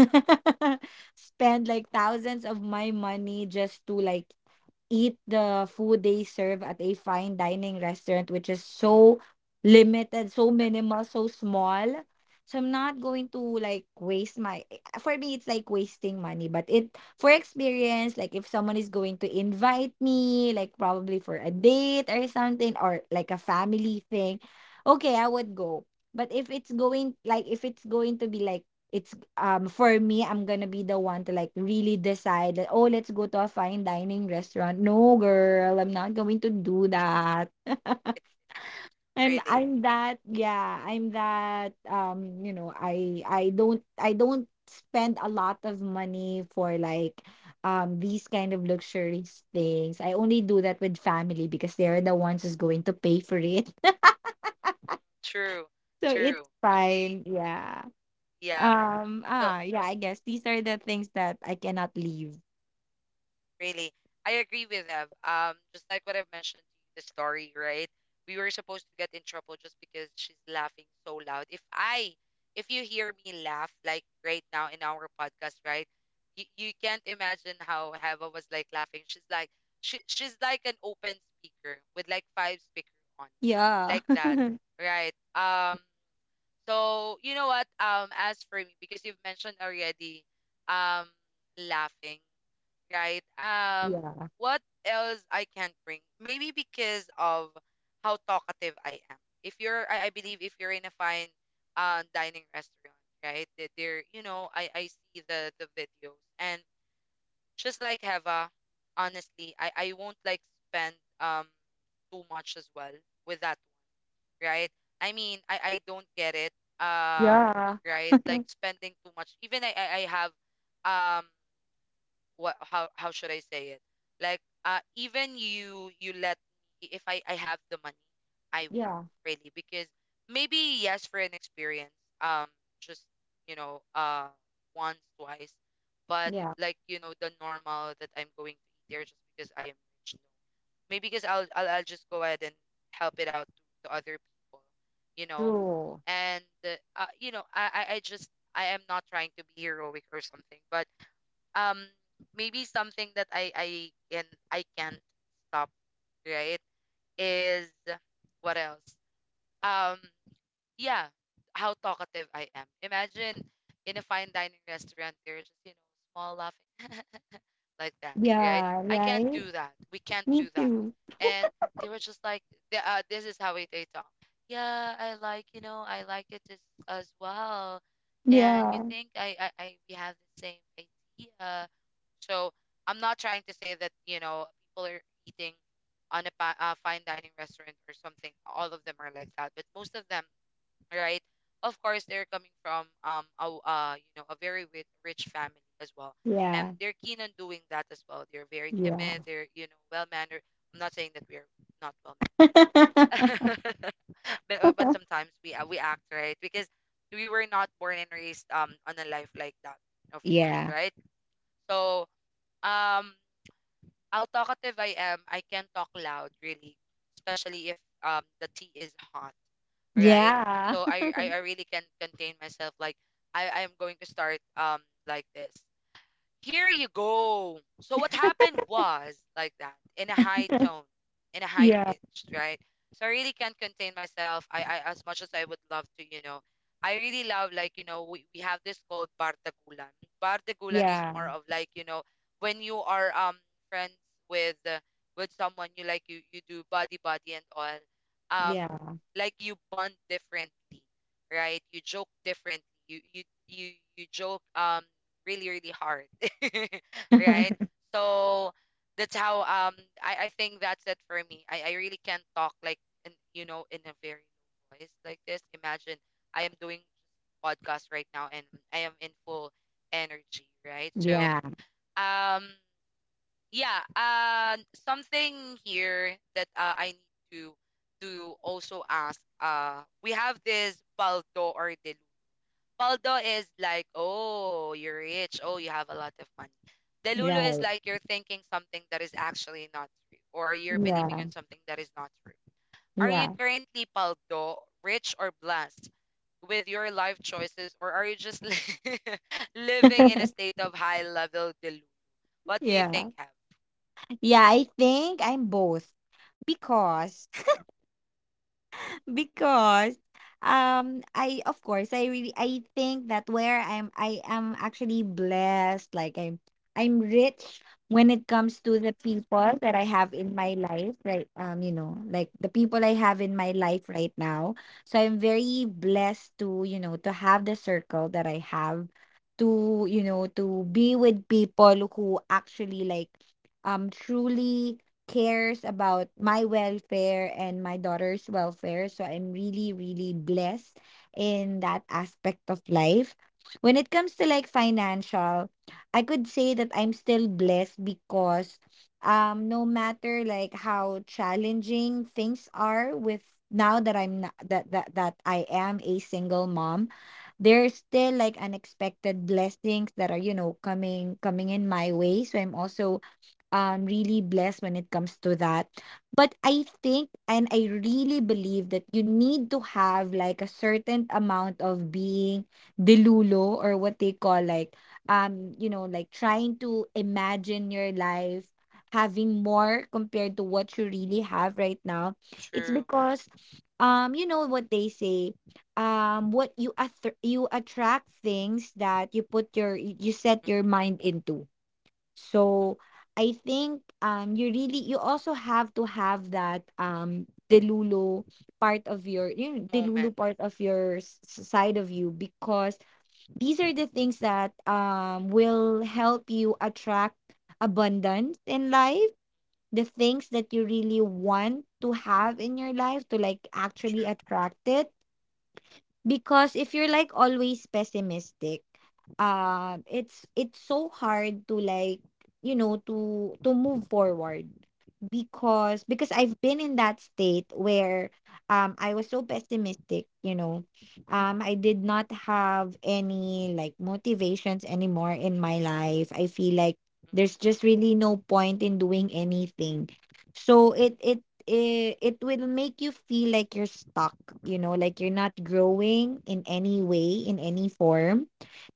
spend like thousands of my money just to like eat the food they serve at a fine dining restaurant, which is so limited, so minimal, so small. So I'm not going to like waste my, for me it's like wasting money, but it for experience, like if someone is going to invite me, like probably for a date or something, or like a family thing, okay, I would go. But if it's going like if it's going to be like it's for me I'm gonna be the one to like really decide that, oh, let's go to a fine dining restaurant. No, girl, I'm not going to do that. i'm
Really.
i'm that. Yeah, I'm that. I don't spend a lot of money for like these kind of luxurious things. I only do that with family because they're the ones who's going to pay for it.
True.
So it's
True. See?
fine, yeah.
Yeah. So
Ah, yeah, I guess these are the things that I cannot leave.
really, I agree with them. Just like what I've mentioned to you, the story, right? We were supposed to get in trouble just because she's laughing so loud. If you hear me laugh like right now in our podcast, right? You can't imagine how Hava was like laughing. She's like an open speaker with like five speaker on,
Yeah.
like that, right? So you know what? As for me, because you've mentioned already, um, laughing, right?
Yeah.
What else I can't bring? Maybe because of how talkative I am. If you're, I believe if you're in a fine dining restaurant, right? That they're, you know, I see the videos, and just like Heva, honestly, I won't like spend too much as well with that, right? I mean, I don't get it. Um,
Yeah.
right? Like spending too much. Even I have um what how should I say it? Like even you let me, if I have the money, I
Yeah.
won't really. Because maybe yes for an experience, um just, you know, once, twice. But,
Yeah.
like you know, the normal that I'm going to eat there just because I am rich, no. Maybe because I'll just go ahead and help it out to other people, you know.
True.
And you know, I am not trying to be heroic or something. But um maybe something that I can't stop, right? Is what else? Um yeah, how talkative I am. Imagine in a fine dining restaurant there's just, you know, small laughing like that, right?
Yeah,
I can't
right?
do that. We can't do
Me
that.
too.
And they were just like this is how we they talk. Yeah, I like it as well. And you
Yeah.
think I we have the same idea. So I'm not trying to say that, you know, people are eating on a fine dining restaurant or something. All of them are like that, but most of them, right? Of course, they're coming from a w- you know a very rich, rich family as well, and
Yeah.
they're keen on doing that as well. They're very
Yeah.
timid. They're, you know, well mannered. I'm not saying that we are not well mannered, but sometimes we act right because we were not born and raised on a life like that, of course,
Yeah.
right? So. Um, how talkative I am, I can talk loud really, especially if the tea is hot, right?
Yeah.
So I really can contain myself. Like I am going to start like this. Here you go. So what happened was like that in a high tone, in a high
Yeah.
pitched, right? So I really can't contain myself. I As much as I would love to, you know, I really love like, you know, we have this called Bardagulan. Bardagulan is more of like, you know, when you are friends with uh, with someone, you like, you do body body and all. Um
Yeah. Yeah.
like you bond differently, right? You joke differently. You joke really really hard, right? So that's how I think that's it for me. I really can't talk like, in you know in a very low voice like this. Imagine I am doing just podcast right now and I am in full energy, right? So
Yeah.
um yeah, something here that I need to also ask. We have this Baldo or Delu. Paldo is like, oh, you're rich. Oh, you have a lot of money. Delulo is
Right.
like you're thinking something that is actually not true, or you're believing
Yeah.
in something that is not true. Are you
Yeah.
currently Paldo, rich or blessed with your life choices, or are you just living in a state of high level delusion? What do you think,
Yeah.
have?
Yeah. I think I'm both because because i of course I really I think that where I'm I am actually blessed, like I'm rich when it comes to the people that I have in my life right. Um, you know, like the people I have in my life right now, so I'm very blessed to, you know, to have the circle that I have, to, you know, to be with people who actually like truly cares about my welfare and my daughter's welfare. So I'm really, really blessed in that aspect of life. When it comes to like financial, I could say that I'm still blessed because no matter like how challenging things are with now that I'm not, that that I am a single mom, there's still like unexpected blessings that are, you know, coming in my way. So I'm also really blessed when it comes to that. But I think and I really believe that you need to have like a certain amount of being delulo, or what they call like um, you know, like trying to imagine your life having more compared to what you really have right now. It's
True.
because you know what they say, what you you attract things that you put your you set your
Mm-mm.
mind into.
Mm.
So I think you really you also have to have that Delulu part of your, you know, Delulu
Moments.
part of your side of you, because these are the things that will help you attract abundance in life, the things that you really want to have in your life to like actually
True.
attract it. Because if you're like always pessimistic, it's so hard to like, you know, to move forward. Because I've been in that state where I was so pessimistic, you know. Um, I did not have any like motivations anymore in my life. I feel like there's just really no point in doing anything. So it will make you feel like you're stuck, you know, like you're not growing in any way, in any form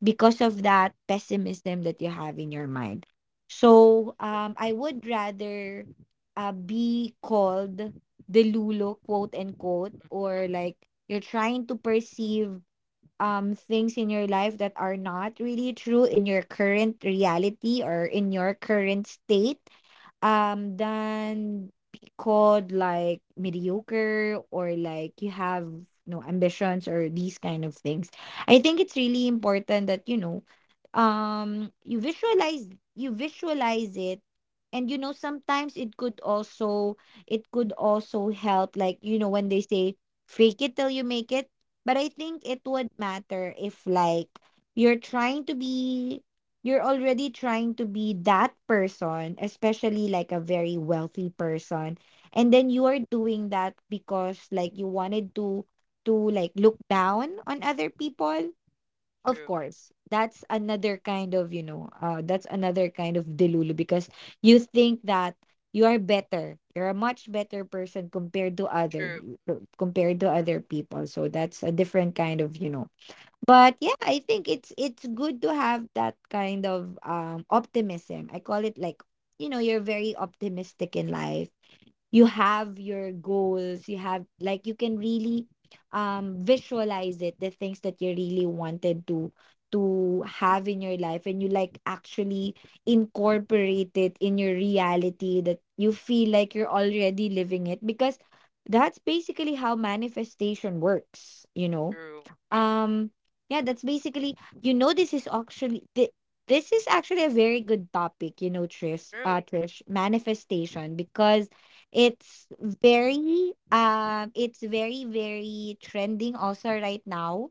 because of that pessimism that you have in your mind. So
Mm.
I would rather uh be called the lulo quote unquote,
True. Mm.
or like you're trying to perceive things in your life that are not really true in your current reality or in your current state, than be called like mediocre or like you have no ambitions or these kind of things. I think it's really important that, you know, um you visualize you visualize it. And you know sometimes it could also help, like, you know, when they say fake it till you make it. But I think it would matter if like you're trying to be you're already trying to be that person, especially like a very wealthy person. And then you are doing that because like you wanted to like look down on other people. Of
True.
course, that's another kind of, you know, that's another kind of delulu because you think that you are better. You're a much better person
True.
compared to other people. So that's a different kind of, you know, but yeah, I think it's good to have that kind of optimism, I call it, like, you know, you're very optimistic in life, you have your goals, you have like you can really visualize it, the things that you really wanted to have in your life, and you like actually incorporate it in your reality that you feel like you're already living it, because that's basically how manifestation works, you know.
True.
Um, yeah, that's basically you know this is actually this is actually a very good topic, you know, trish uh
True.
trish manifestation, because it's it's very very trending also right now.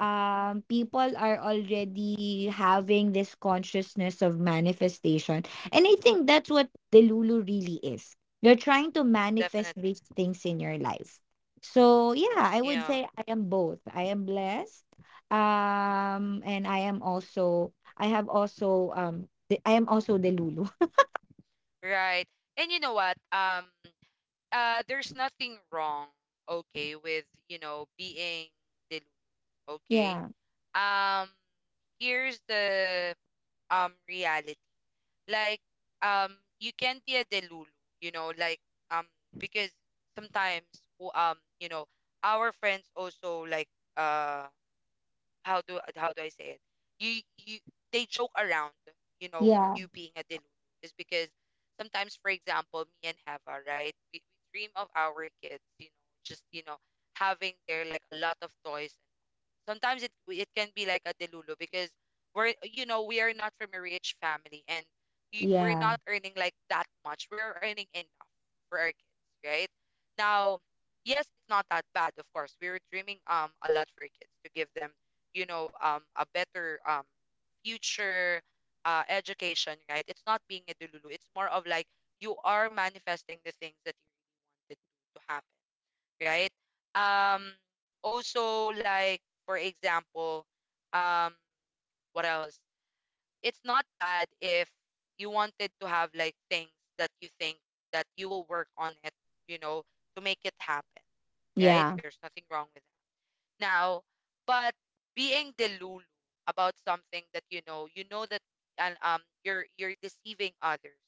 Um, people are already having this consciousness of manifestation, and I think that's what the lulu really is. You're trying to manifest
Definitely.
these things in your life. So yeah, I would
Yeah.
say I am both. I am blessed. Um, and I am also I have also the, I am also the Lulu.
Right. And you know what? There's nothing wrong, okay, with, you know, being delulu, okay?
Yeah.
Um, Here's the reality. Like, you can be a delulu, you know, like, um, because sometimes, you know, our friends also like, uh, how do I say it? You They joke around, you know,
Yeah.
you being a delulu is because sometimes, for example, me and Heva, right? We dream of our kids, you know, just you know having their like a lot of toys. Sometimes it can be like a delulu because we're you know we are not from a rich family, and we're
Yeah.
not earning like that much. We're earning enough for our kids, right? Now, yes, it's not that bad. Of course, we were dreaming a lot for our kids to give them a better future, education, right? It's not being a delulu. It's more of like you are manifesting the things that you really wanted to happen, right? Um, Also, like for example, um, what else? It's not bad if you wanted to have like things that you think that you will work on it, you know, to make it happen, right? There's nothing wrong with that. Now, but being delulu about something that you know that, and you're deceiving others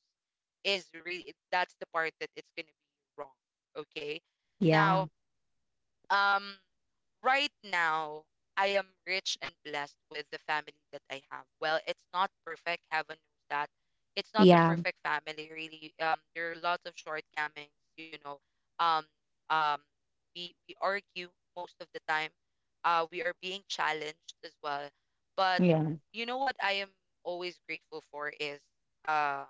is really, that's the part that it's gonna be wrong. Okay.
Yeah.
Now, um, right now, I am rich and blessed with the family that I have. Well, it's not perfect. Heaven knows that. It's not a
Yeah. Yeah.
perfect family, really. There are lots of shortcomings, you know. Um, um, we argue most of the time. We are being challenged as well. But
Yeah.
you know what I am always grateful for uh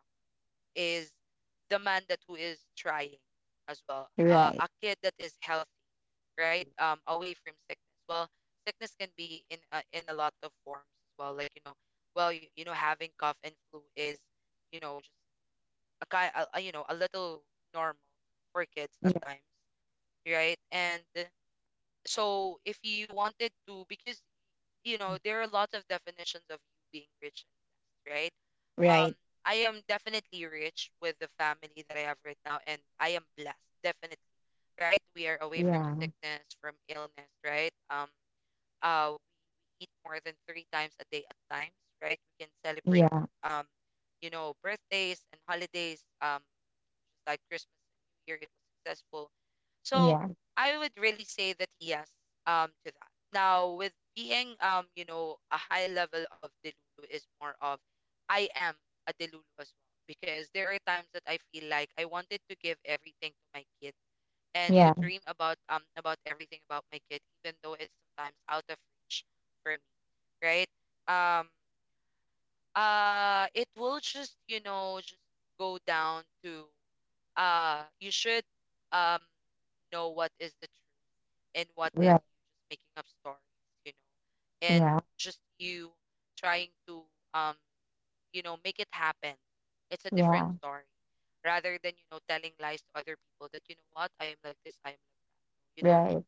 is the man that who is trying as well.
Right.
A kid that is healthy, right? Away from sickness. Well, sickness can be in a lot of forms as well. Like you know, well you know having cough and flu is, you know, just a you know, a little normal for kids at
Yeah.
times, right? And so if you wanted to, because you know, there are lots of definitions of you being rich and blessed, right? Um,
Right.
I am definitely rich with the family that I have right now, and I am blessed, definitely, right? We are away from sickness, from illness, right? Uh, we eat more than three times a day at times, right? We can celebrate,
Yeah.
um, you know, birthdays and holidays. Just like Christmas and New Year, it was successful. So
Yeah.
I would really say that yes, to that. Now, with being you know, a high level of Delulu is more of I am a Delulu as well, because there are times that I feel like I wanted to give everything to my kid and to
Yeah.
dream about everything about my kid, even though it's sometimes out of reach for me, right? Um, it will just just go down to you should um know what is the truth and what
Yeah.
is
Right.
you just making up stories, you know, and
Yeah.
just you trying to um you know, make it happen. It's a different
Yeah.
story rather than, you know, telling lies to other people that you know what, I am like this, I am like, you don't do,
Right.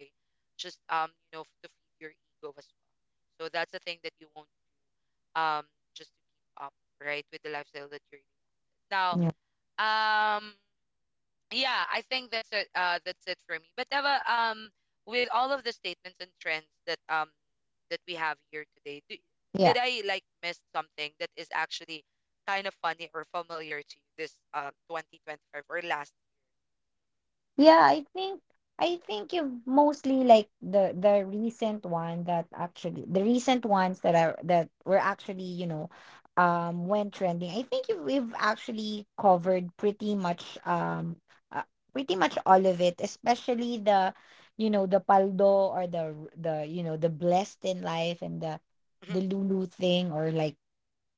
okay, just you know, to feed your ego as well. So that's the thing that you won't, um just to keep up, right, with the lifestyle that you're now.
Yeah.
um yeah, I think that's it. That's it for me. But Eva, with all of the statements and trends that we have here today,
Yeah.
did I like miss something that is actually kind of funny or familiar to you this 2025 or last?
Yeah, I think you have mostly like the recent one that actually the recent ones that are that were actually, you know, went trending. I think you we've actually covered pretty much uh, pretty much all of it, especially the you know, the paldo or the you know, the blessed in life and the Lulu thing, or like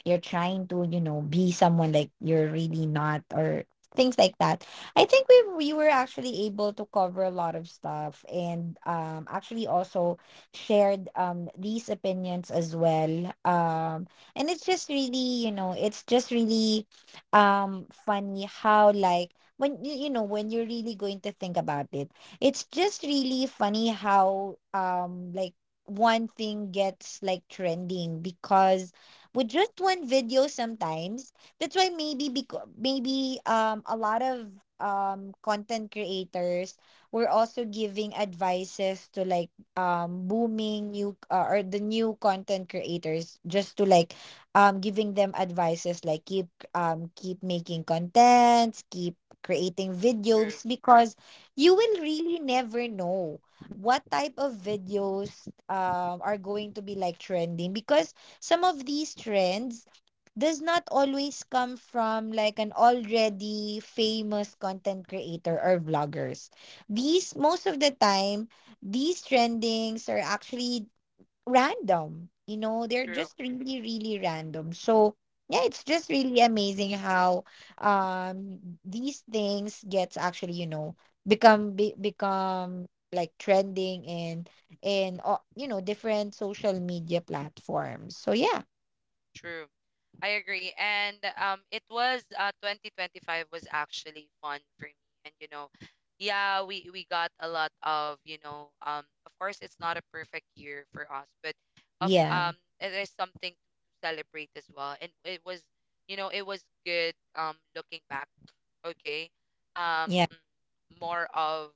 you're trying to, you know, be someone like you're really not, or things like that. I think we were actually able to cover a lot of stuff, and actually also shared these opinions as well. Um, and it's just really, you know, it's just really funny how like when you know when you're really going to think about it, it's just really funny how like one thing gets like trending because with just one video sometimes. That's why maybe because maybe a lot of content creators were also giving advices to like booming new or the new content creators just to like giving them advices like keep keep making contents, keep creating videos
true,
because you will really never know what type of videos are going to be like trending because some of these trends does not always come from like an already famous content creator or vloggers. These most of the time, these trendings are actually random. You know, they're just
true.
really, really random. So yeah, it's just really amazing how um these things gets actually, you know, become like trending in you know, different social media platforms. So yeah.
True. I agree. And it was 2025 was actually fun for me. And you know, yeah, we got a lot of, you know, of course it's not a perfect year for us, but of
Yeah,
it is something to celebrate as well. And it was, you know, it was good, looking back, okay? Um
yeah,
More of,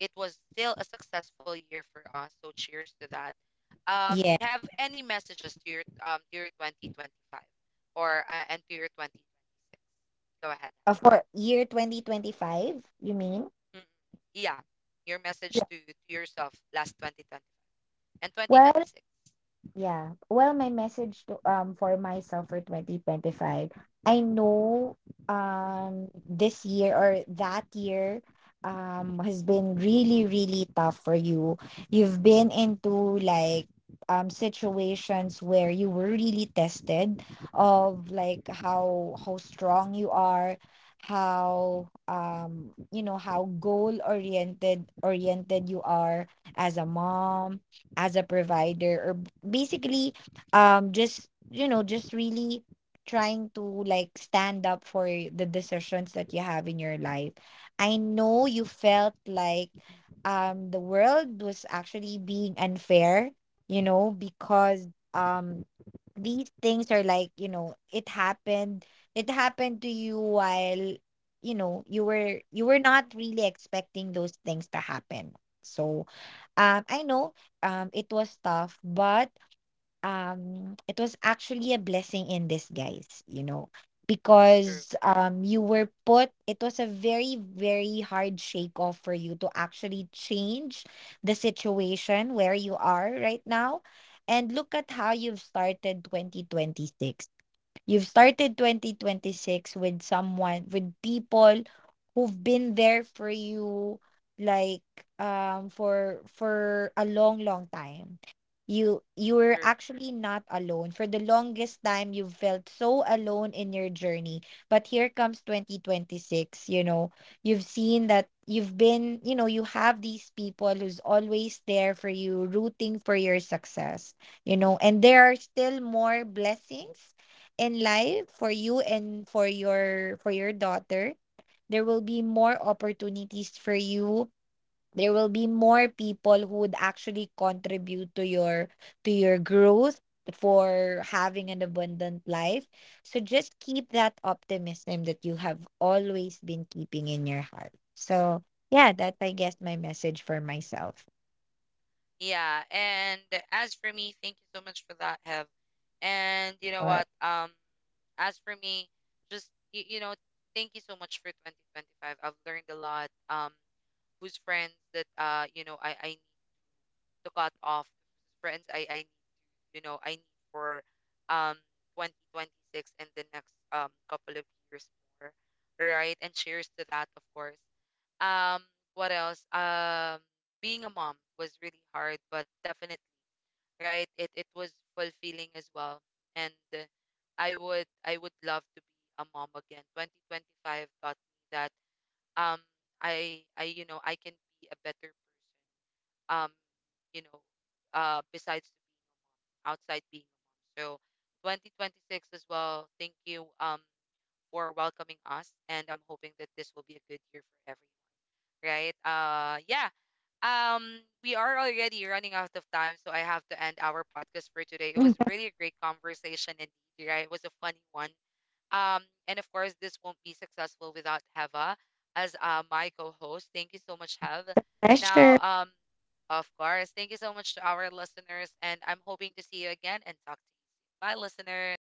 it was still a successful year for us. So cheers to that.
yeah.
Have any messages to your 2025, or and to your 2026? Go ahead,
For year 2025, you mean?
Hab. Mm, yeah, your message to
Yeah.
to yourself last 2025 and
Well,
2026.
yeah. Well, my message to for myself for 2025, I know this year or that year has been really really tough for you. You've been into like situations where you were really tested of like how strong you are, how you know how goal oriented oriented you are as a mom, as a provider, or basically just you know just really trying to like stand up for the decisions that you have in your life. I know you felt like the world was actually being unfair, you know, because um these things are like, you know, it happened to you while, you know, you were not really expecting those things to happen. So I know it was tough, but it was actually a blessing in disguise, you know,
True,
because you were put it was a very very hard shake off for you to actually change the situation where you are right now. And look at how you've started 2026. You've started 2026 with someone, with people who've been there for you like for a long long time. You're
true.
actually not alone. For the longest time you felt so alone in your journey. But here comes 2026, you know. You've seen that you've been, you know, you have these people who's always there for you, rooting for your success, you know. And there are still more blessings in life for you and for your daughter. There will be more opportunities for you. There will be more people who would actually contribute to your growth, for having an abundant life. So just keep that optimism that you have always been keeping in your heart. So yeah, that's I guess my message for myself.
Yeah. And as for me, thank you so much for that, have. And you know
Or-
what, as for me, just you know, thank you so much for 2025. I've learned a lot, whose friends that you know I need to cut off, friends I need to, you know, I need for um 2026 and the next couple of years more, right? And cheers to that, of course. um what else? Being a mom was really hard, but definitely, right, it was fulfilling as well. And I would love to be a mom again. 2025 taught me that um I you know I can be a better person, um you know, besides to being a mom, outside being a mom. So 2026 as well, thank you for welcoming us, and I'm hoping that this will be a good year for everyone, right? Yeah. We are already running out of time, so I have to end our podcast for today. It was really a great conversation, indeed, right? It was a funny one. um, and of course, this won't be successful without Heva as my co-host. Thank you so much, Hev. Now,
pleasure.
of course, thank you so much to our listeners, and I'm hoping to see you again and talk to you soon. Bye, listeners.